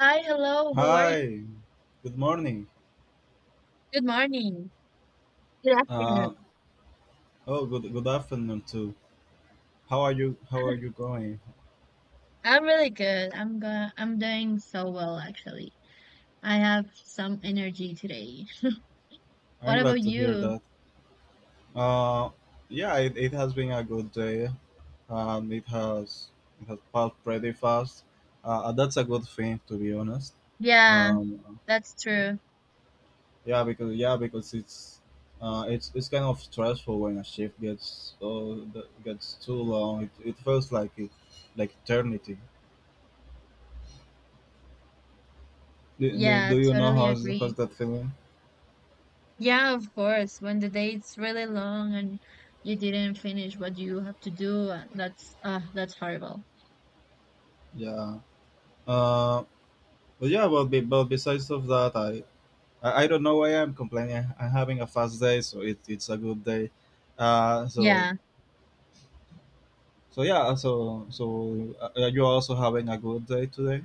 Hi, hello. How are you? Hi, good morning. Good morning. Good afternoon. Uh, oh, good good afternoon too. How are you? How are you going? I'm really good. I'm doing so well actually. I have some energy today. I'm What about glad to hear you? that. Uh, yeah, it has been a good day. Um, it has it has passed pretty fast. That's a good thing to be honest. Yeah, Um, that's true. yeah, because it's kind of stressful when a shift gets that gets too long. It feels like it like eternity. Yeah, Do you know totally how's agree. that feeling? Yeah, of course. When the day's really long and you didn't finish what you have to do, that's horrible. Yeah. Uh, but yeah, well, be, But besides of that, I don't know why I'm complaining. I'm having a fast day, so it's a good day. Uh, so Yeah. Yeah, you're also having a good day today.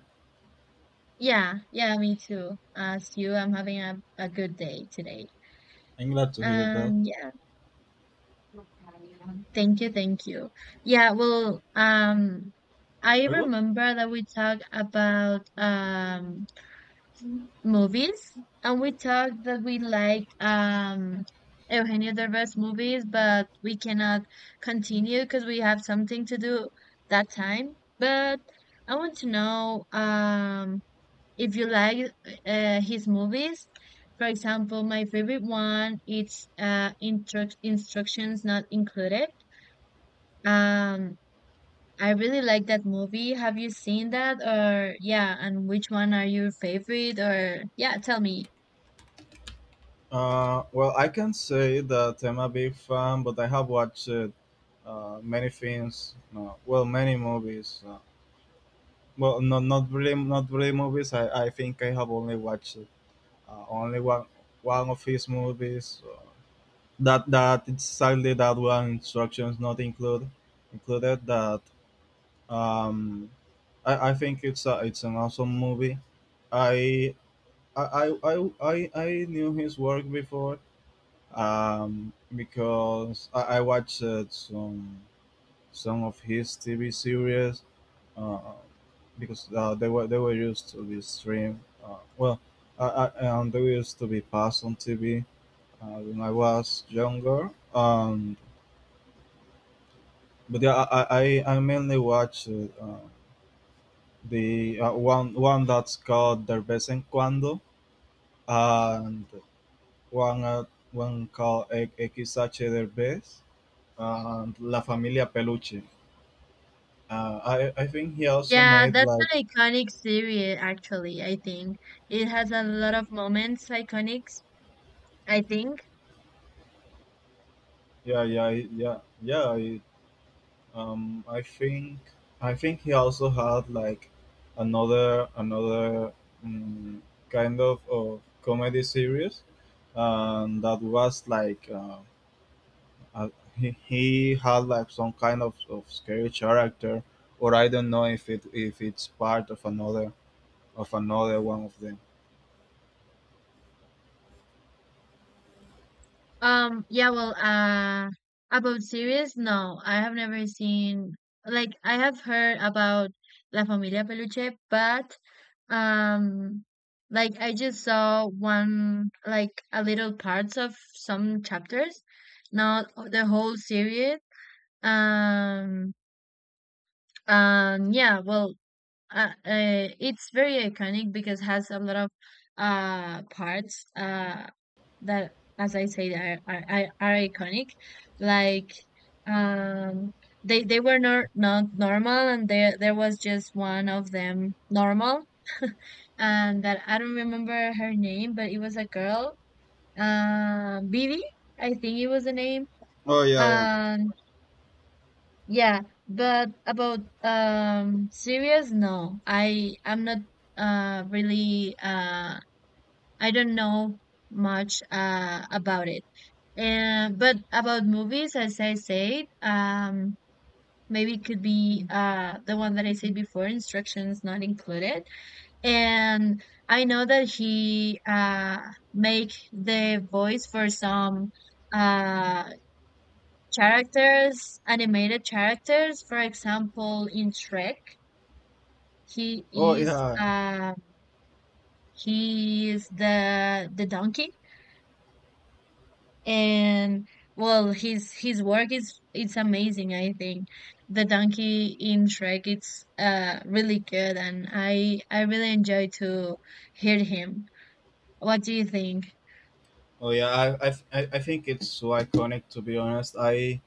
Yeah. Yeah, me too. As you, I'm having a good day today. I'm glad to hear that. And yeah. Thank you, thank you. Yeah, well, I I was. remember that we talked about movies, and we talked that we like Eugenio Derbez movies, but we cannot continue because we have something to do that time. But I want to know if you like his movies. For example, my favorite one, it's instructions not included. Um, I really like that movie. Have you seen that? Or yeah, and which one are your favorite? Or yeah, tell me. Well, I can say that I'm a big fan, but I have watched many films. Well, many movies. Not not really movies. I think I have only watched only one one of his movies. That it's sadly that one instructions not included that um I think it's it's an awesome movie. I I knew his work before because I watched some of his TV series uh, because they were used to be streamed they used to be passed on TV when I was younger. Um But yeah, I mainly watch the one one that's called De vez en cuando, and one uh, one called XH De vez and La Familia Peluche. I think he also Yeah, made that's like an iconic series actually, I think. It has a lot of moments iconics, I think. Yeah. I think he also had like another um, kind of comedy series, and that was like. Uh, he had like some kind of scary character, or I don't know if it if it's part of another one of them. Yeah, well, about series, no, I have never seen, like, I have heard about La Familia Peluche, but, um, like, I just saw one, like, a little parts of some chapters, not the whole series. Um, yeah, well, it's very iconic because has a lot of parts, that as I said are iconic, like um they were not normal, and there was just one of them normal and that I don't remember her name, but it was a girl, bibi, I think it was the name. Oh yeah, yeah. Um, yeah, but about series, no. I'm not really, I don't know much about it. And but about movies, as I said, maybe it could be the one that I said before, instructions not included. And I know that he make the voice for some uh characters, animated characters. For example, in Shrek, he Oh is yeah. the donkey, and well, his work is it's amazing. I think the donkey in Shrek, it's really good, and I really enjoy to hear him. What do you think? Oh yeah. I think it's so iconic. To be honest, I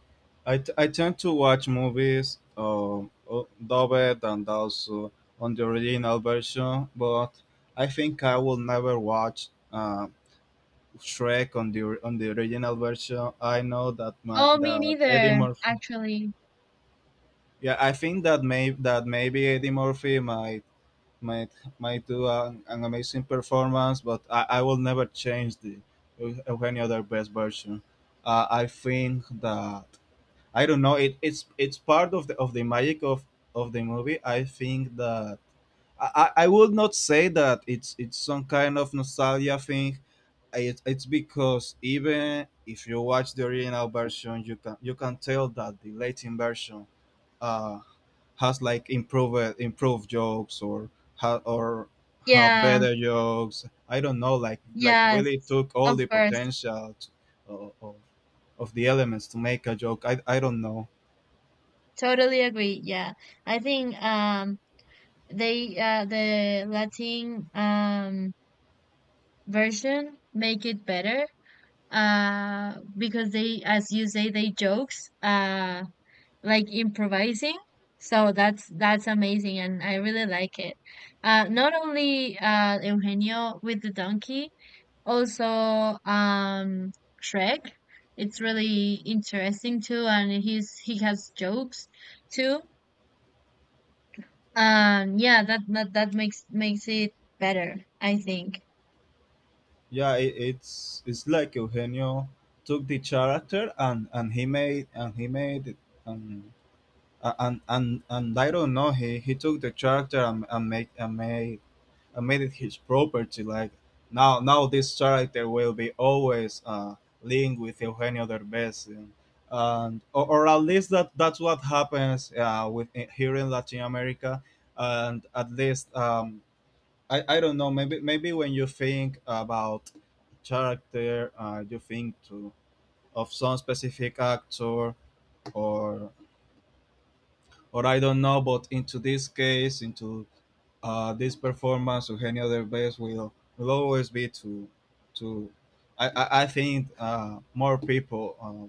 I, t- I tend to watch movies dubbed and also on the original version, but I think I will never watch Shrek on the on the original version. I know that my Oh, me that Eddie neither, Murphy. actually. Yeah, I think that maybe Eddie Murphy might might might do an amazing performance, but I will never change the Eugenio Derbez version. I think that I don't know. It's part of the magic of the movie. I think that I, I would not say that it's some kind of nostalgia thing. It's because even if you watch the original version, you can tell that the Latin version uh, has like improved jokes or ha or have Yeah, better jokes. I don't know, like yes, really took all of the course. potential t of, of the elements to make a joke. I don't know. Totally agree. Yeah. I think the Latin version make it better, because they, as you say, they jokes, like improvising. So that's amazing, and I really like it. Not only Eugenio with the donkey, also, Shrek. It's really interesting too, and he has jokes too. Yeah, that makes it better, I think. Yeah, it's like Eugenio took the character and he made it, um, and I don't know. He took the character and make and made made it his property. Like now, this character will be always linked with Eugenio Derbez, and or at least that's what happens with here in Latin America. And at least I don't know, maybe when you think about character, you think to of some specific actor or I don't know, but into this case, into this performance of any other best will always be to to I think more people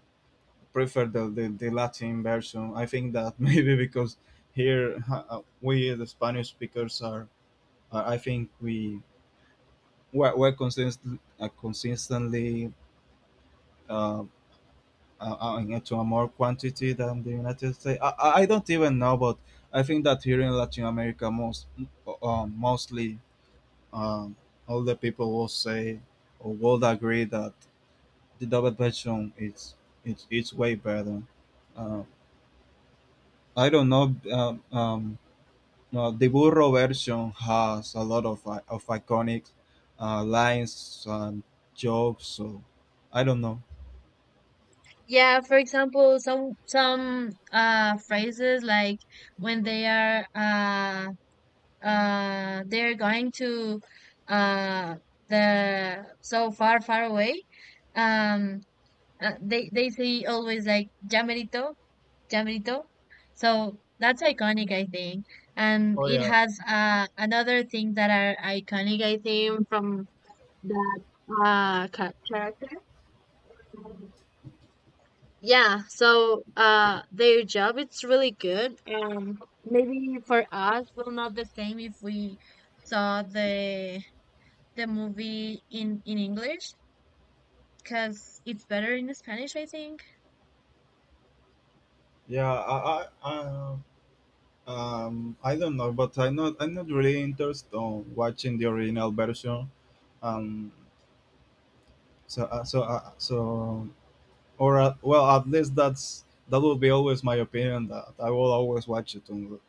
prefer the Latin version. I think that maybe because here we the Spanish speakers are, I think we're consistent, consistently uh, into a more quantity than the United States. I don't even know, but I think that here in Latin America, most mostly um, all the people will say or will agree that the double bedroom is it's way better. Uh, I don't know. No, the burro version has a lot of iconic lines and jokes. So I don't know. Yeah, for example, some phrases, like when they're going to uh the, so Far Far Away. Um, they say always, like, ya merito, ya merito. So that's iconic, I think. And Oh it yeah, has another thing that are iconic, I think, from that character. Yeah, so their job, it's really good. Maybe for us will not the same if we saw the movie in English, because it's better in Spanish, I think. yeah. I don't know, but I'm not really interested on watching the original version. Um, so at least that would be always my opinion. That I will always watch it on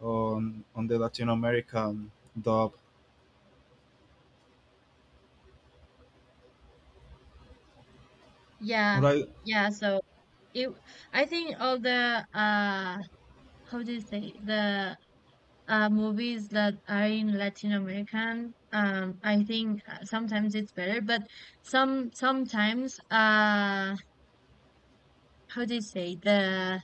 on the Latin American dub. Yeah. Right? Yeah, so it I think all the how do you say, the movies that are in Latin American. I think sometimes it's better, but sometimes, how do you say, the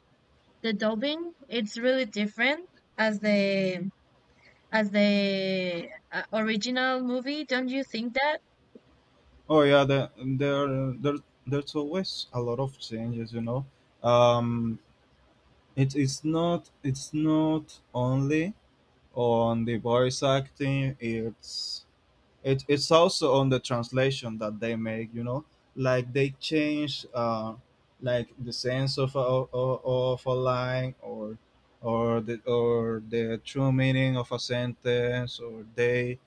the dubbing? It's really different as the as the original movie. Don't you think that? Oh yeah, the, there's always a lot of changes. You know, um, it's not only on the voice acting. It's it's also on the translation that they make, you know, like they change like the sense of of a line or the true meaning of a sentence or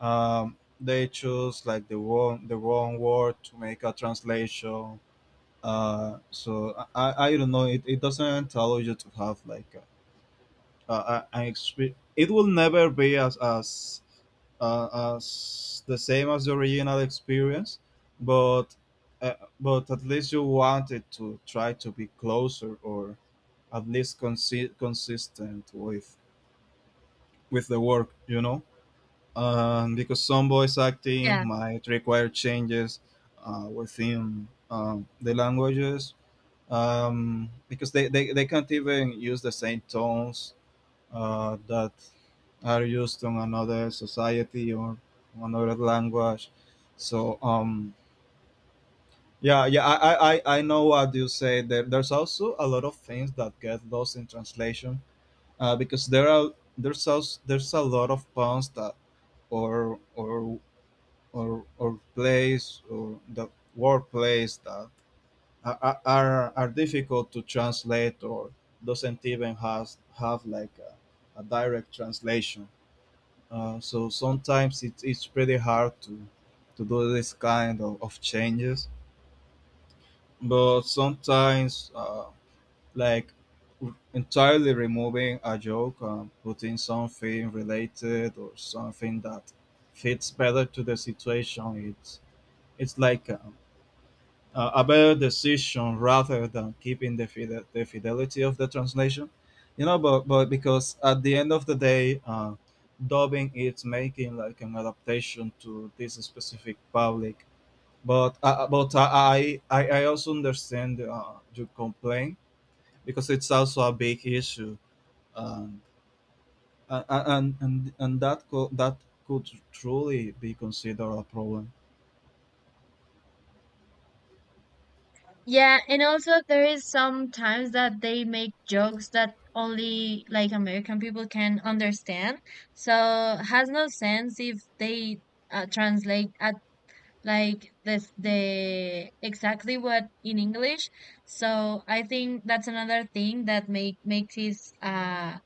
they choose like the wrong word to make a translation. I don't know, it doesn't allow you to have like I, it will never be as the same as the original experience, but but at least you wanted to try to be closer or at least consistent with the work, you know. Because some voice acting Yeah, might require changes within the languages because they can't even use the same tones that are used in another society or another language. So um, yeah, I know what you say. There's also a lot of things that get lost in translation because there's also, there's a lot of puns that or or or plays or the word plays that are are difficult to translate or doesn't even has have like a direct translation. So sometimes it's pretty hard to do this kind of changes, but sometimes like entirely removing a joke and putting something related or something that fits better to the situation, it's like a better decision rather than keeping the fidelity of the translation, you know, but because at the end of the day dubbing is making like an adaptation to this specific public, but I also understand your complaint, because it's also a big issue. um, and that that could truly be considered a problem. yeah, and also there is some times that they make jokes that only, like, American people can understand. So has no sense if they translate at like this, the exactly what in English. So I think that's another thing that makes it,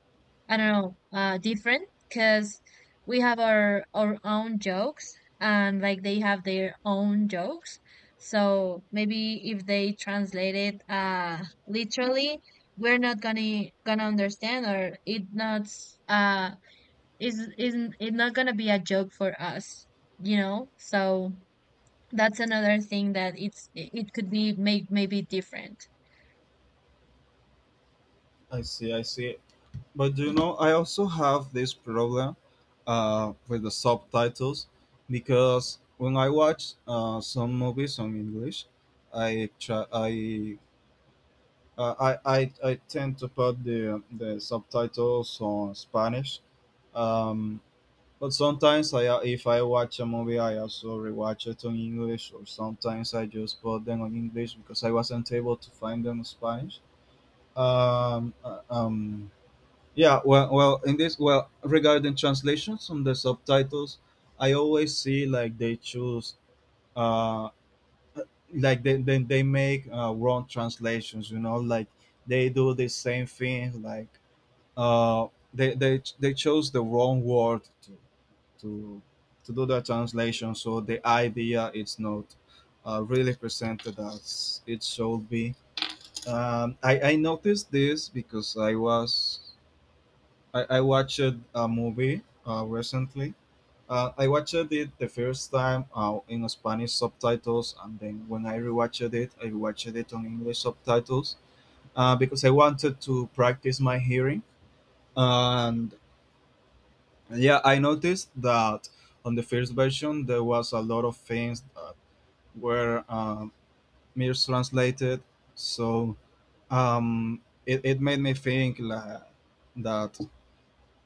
I don't know, different, because we have our own jokes, and like, they have their own jokes. So maybe if they translate it literally, we're not gonna understand, or it not uh is isn't it not gonna be a joke for us, you know? So that's another thing that it could be maybe different. I see. But do you know, I also have this problem with the subtitles, because when I watch some movies on English, I try. Uh, I tend to put the subtitles on Spanish, um, but sometimes I if I watch a movie I also rewatch it on English, or sometimes I just put them on English because I wasn't able to find them in Spanish. Um, uh, um, yeah, well, regarding translations on the subtitles, I always see like they choose, uh, they make wrong translations. You know, like they do the same thing. Like uh, they chose the wrong word to do the translation, so the idea is not really presented as it should be. I noticed this because I watched a movie recently. I watched it the first time in Spanish subtitles, and then when I rewatched it, I watched it on English subtitles because I wanted to practice my hearing. And yeah, I noticed that on the first version there was a lot of things that were mistranslated, so um, it made me think like, that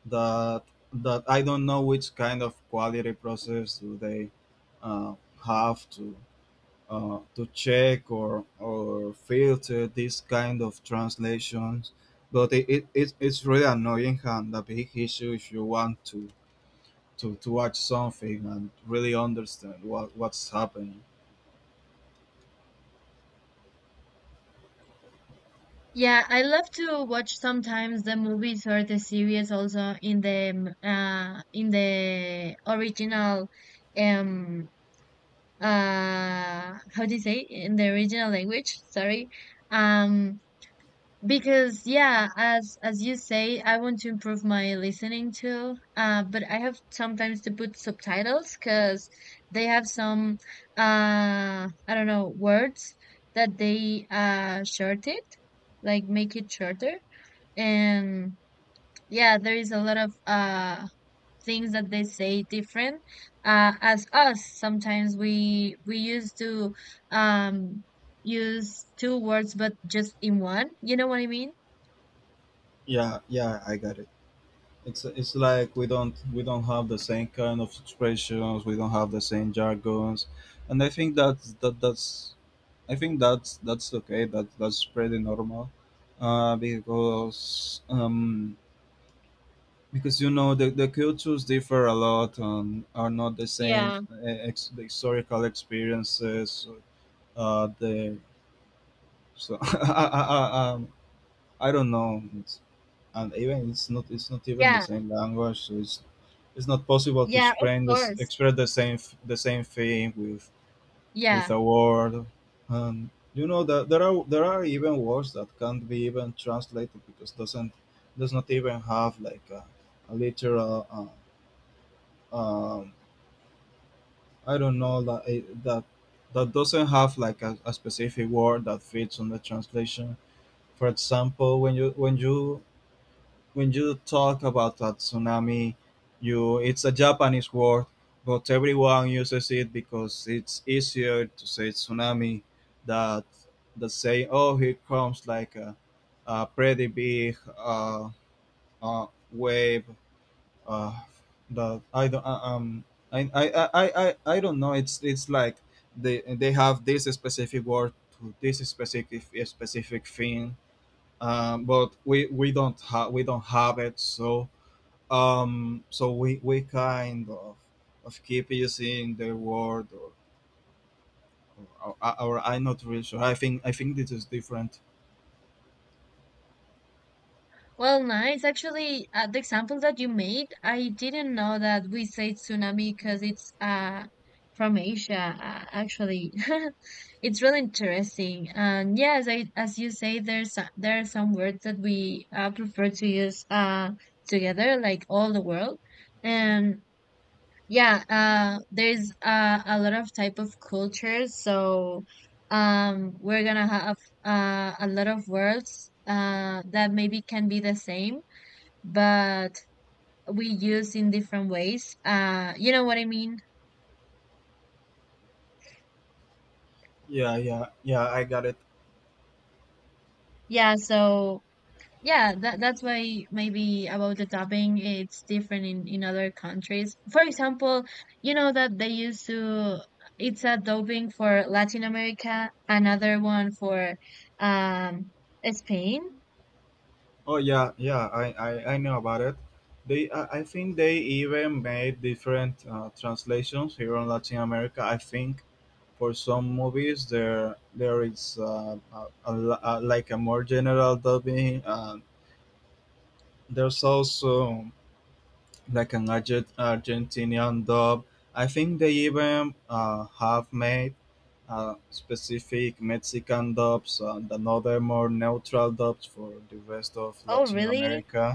that that I don't know which kind of quality process do they uh, have to check or filter this kind of translations. But it's really annoying and a big issue if you want to, to watch something and really understand what, what's happening. Yeah, I love to watch sometimes the movies or the series also in the, um, in the original, um how do you say, in the original language, sorry. um Because yeah, as you say, I want to improve my listening too. But I have sometimes to put subtitles because they have some, I don't know, words that they short it, like, make it shorter. And yeah, there is a lot of things that they say different. As us, sometimes we used to um use two words, but just in one. You know what I mean? Yeah, yeah, I got it. It's like we don't have the same kind of expressions, we don't have the same jargons, and I think that's that's okay. That's pretty normal, uh, because um, because you know the cultures differ a lot and are not the same. Yeah, The historical experiences, the so I don't know. It's, and even it's not even the yeah, same language. So it's not possible to yeah, of explain this course. express the same thing with Yeah. a word. And you know that there are even words that can't be even translated because does not even have like a literal um, I don't know that doesn't have like a specific word that fits on the translation. For example, when you talk about a tsunami, you it's a Japanese word, but everyone uses it because it's easier to say tsunami that that say, oh, here comes like a pretty big wave uh, that I, I, I, I don't know. It's like they have this specific word to this specific thing. But we don't have, we don't have it. So so we kind of keep using the word, or I'm not really sure. I think this is different. Well, nice. Actually, the example that you made, I didn't know that we say tsunami, because it's from Asia, actually. It's really interesting. And yes, I, as you say, there's there are some words that we, prefer to use, together, like all the world. And. Yeah, there's a lot of type of cultures, so, we're gonna have a lot of words that maybe can be the same, but we use in different ways. You know what I mean? Yeah, yeah, yeah, I got it. Yeah, so. Yeah, that's why maybe about the topping, it's different in other countries. For example, you know that they used to it's a doping for Latin America, another one for um Spain. Oh yeah, yeah. I know about it. They I think they even made different translations here in Latin America. I think for some movies there is like a more general dubbing. There's also like an Argentinian dub. I think they even have made specific Mexican dubs and another more neutral dubs for the rest of Oh, Latin really? America.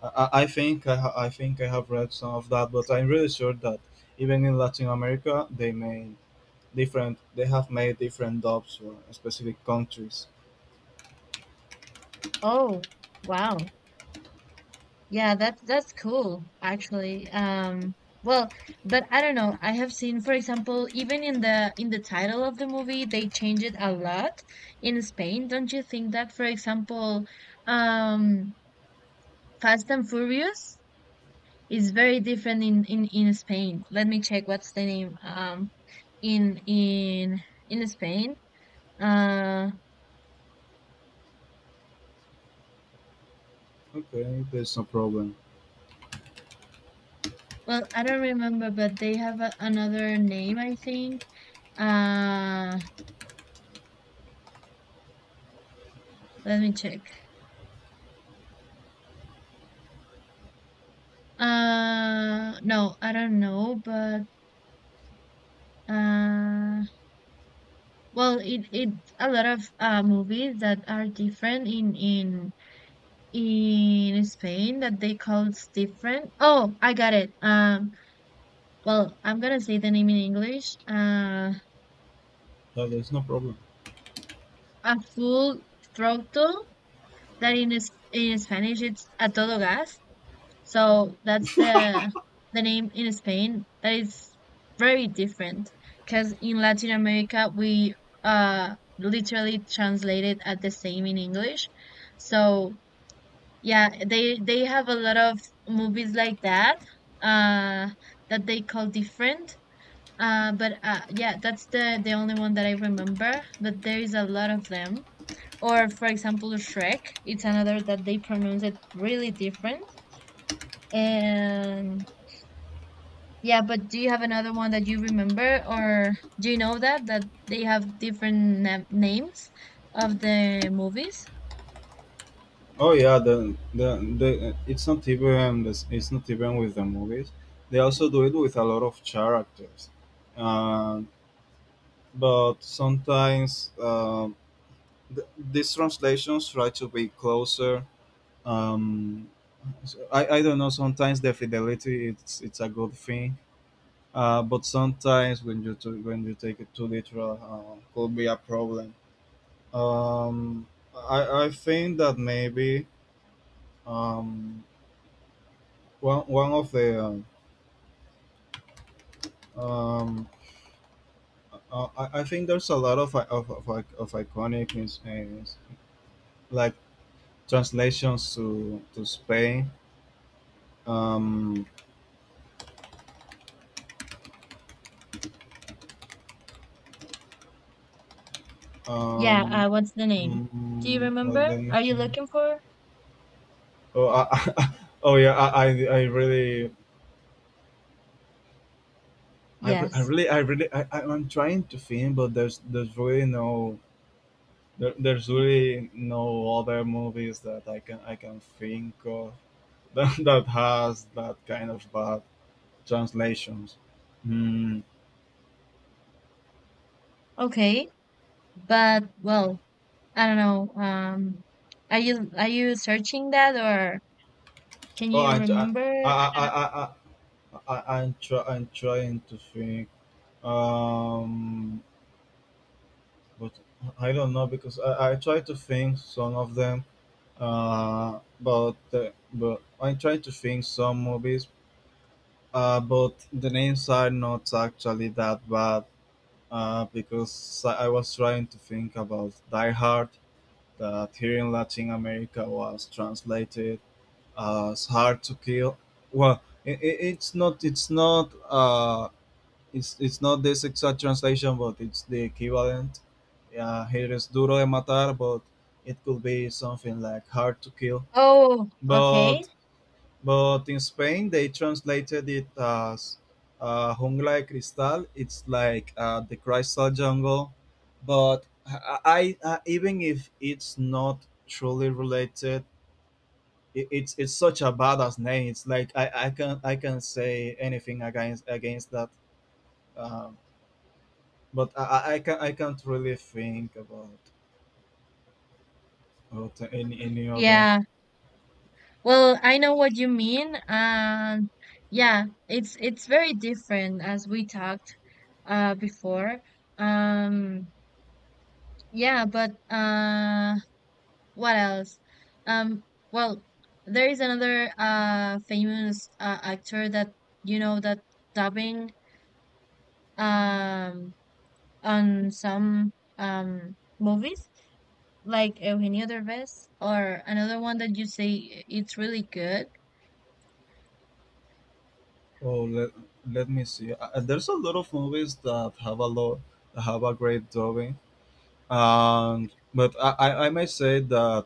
I think I think I have read some of that, but I'm really sure that even in Latin America, they made different. They have made different dubs for specific countries. Oh, wow. Yeah, that's cool actually. Well, but I don't know. I have seen, for example, even in the title of the movie, they change it a lot in Spain. Don't you think that? For example, um Fast and Furious is very different in in Spain. Let me check what's the name, in in Spain. Uh Okay, there's no problem. well, I don't remember, but they have another name, I think. Uh let me check. No, I don't know, but, uh, well, it's a lot of movies that are different in in Spain, that they call it's different. Oh, I got it. Well, I'm gonna say the name in English. Yeah, there's no problem. A full throttle, that in is in Spanish it's a todo gas. So that's the name in Spain. That is very different because in Latin America we literally translate it at the same in English. So yeah, they have a lot of movies like that, uh that they call different. But yeah, that's the only one that I remember. But there is a lot of them. Or for example, Shrek. It's another that they pronounce it really different. And yeah, but do you have another one that you remember, or do you know that they have different na names of the movies? Oh yeah, the it's not even with the movies. They also do it with a lot of characters, uh, but sometimes these translations try to be closer. Um, so I don't know. Sometimes the fidelity it's a good thing, but sometimes when you take it too literal, could be a problem. Um, I think that maybe um, one of the Um, I think there's a lot of iconic is like translations to Spain. Um, Yeah, um, what's the name? Do you well, remember? let me Are see. you looking for? Oh, oh yeah, I really, I, re- I Yes. really, I really, I- I'm trying to think, but there's really no there's really no other movies that I can think of that, that has that kind of vibe. Translations. Hmm. Okay, but well, I don't know. Are you searching that, or can Oh, you remember? I I, don't know. I, I'm trying to think. Um, but I don't know because I try to think some of them. But I try to think some movies. But the names are not actually that bad. Because I was trying to think about Die Hard, that here in Latin America was translated, it's hard to kill. Well, it's not it's not this exact translation, but it's the equivalent. Yeah, here is duro de matar, but it could be something like hard to kill. Oh, But okay. but in Spain they translated it as, jungla de cristal. It's like, the crystal jungle, but even if it's not truly related, it's such a badass name. It's like I can say anything against that, um, but I can't really think about any other. Yeah. Well, I know what you mean. Yeah, it's very different, as we talked before. Um yeah, but what else? Um well, there is another famous, actor that you know, that dubbing um on some movies, like Eugenio Derbez, or another one that you say it's really good. Oh, let me see. There's a lot of movies that have a lot, have a great drawing. And but I may say that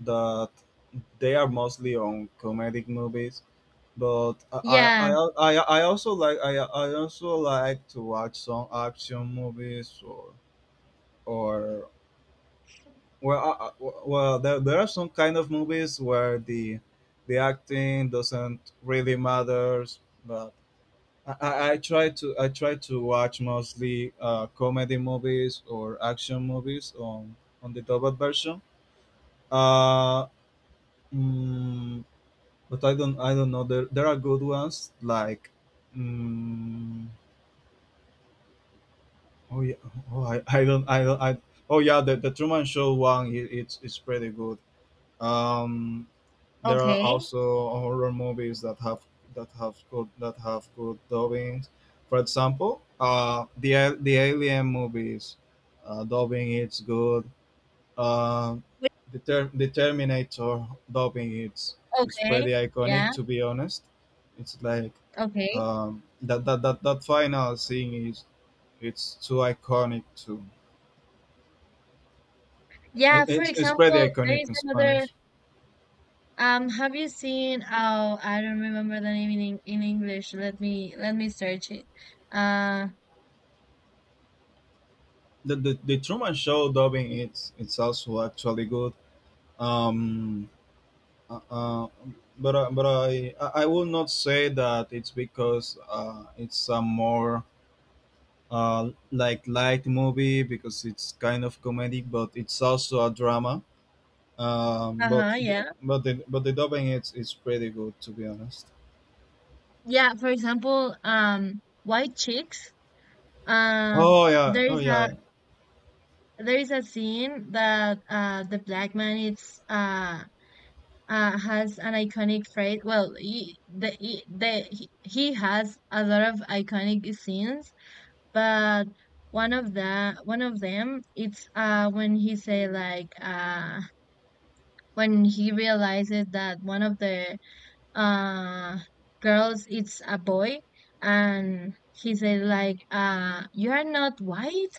that they are mostly on comedic movies, but I, Yeah, I, I also like to watch some action movies, or well, well there are some kind of movies where the acting doesn't really matters, but I try to watch mostly, comedy movies or action movies on the dubbed version, uh, mm, but I don't know, there are good ones like, mm. Oh yeah. Oh, I don't. I don't. I. Oh yeah. The Truman Show one. It's pretty good. Um, there are okay. also horror movies that have that have good dubbing. For example, the Alien movies, dubbing it's good. Um, the Terminator dubbing it's Okay. pretty iconic. Yeah, To be honest, it's like, okay. That final scene is, it's too iconic too. Yeah, for It's pretty example, there iconic is in another. Spanish. Have you seen? Oh, I don't remember the name in in English. Let me search it. Uh, The Truman Show dubbing it's also actually good. Um, uh, uh, but I will not say that it's because, it's a more, like light movie because it's kind of comedic, but it's also a drama. Uh-huh, yeah. But the dubbing it's pretty good to be honest. Yeah, for example, White Chicks. Um, Oh yeah, there oh is a yeah, there is a scene that, the black man, it's has an iconic phrase. Well, he has a lot of iconic scenes, but one of them, it's when he say, like, when he realizes that one of the uh girls it's a boy, and he said, like, you are not white,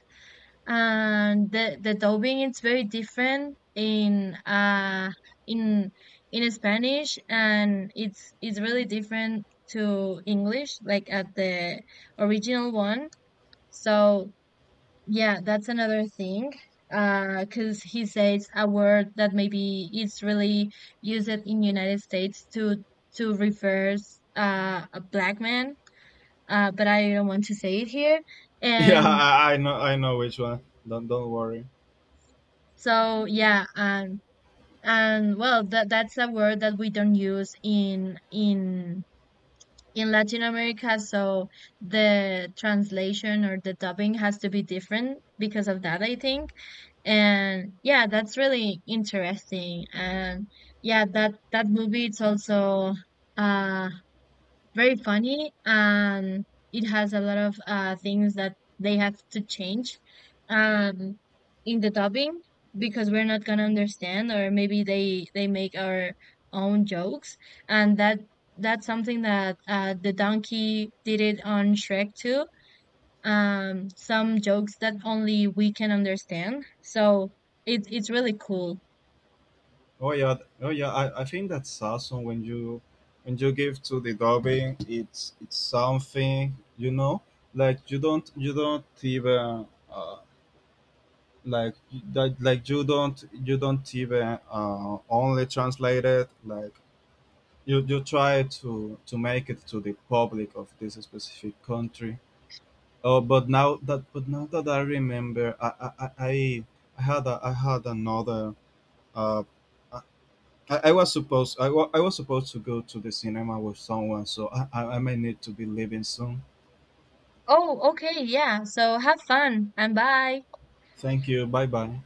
and the dubbing, it's very different in in in Spanish, and it's really different to English, like at the original one. So yeah, that's another thing. Because he says a word that maybe it's really used in United States to refer, a black man. But I don't want to say it here. yeah. And I know I know which one. Don't worry. so yeah, and well, that's a word that we don't use in in Latin America. So the translation or the dubbing has to be different because of that, I think. And yeah, that's really interesting. And yeah, that movie, it's also uh very funny, and it has a lot of things that they have to change um in the dubbing, because we're not gonna understand, or maybe they make our own jokes. And that's something that the donkey did it on Shrek too, some jokes that only we can understand. So it's really cool. Oh yeah, oh yeah. I think that awesome, when you give to the dubbing, it's something, you know, like you don't even like that like you don't even, only translate it, like you try to make it to the public of this specific country. Oh, but now that I remember, I had a, I had another uh, I was supposed, I was supposed to go to the cinema with someone, so I may need to be leaving soon. Oh, okay, yeah. So have fun, and bye. Thank you. Bye bye.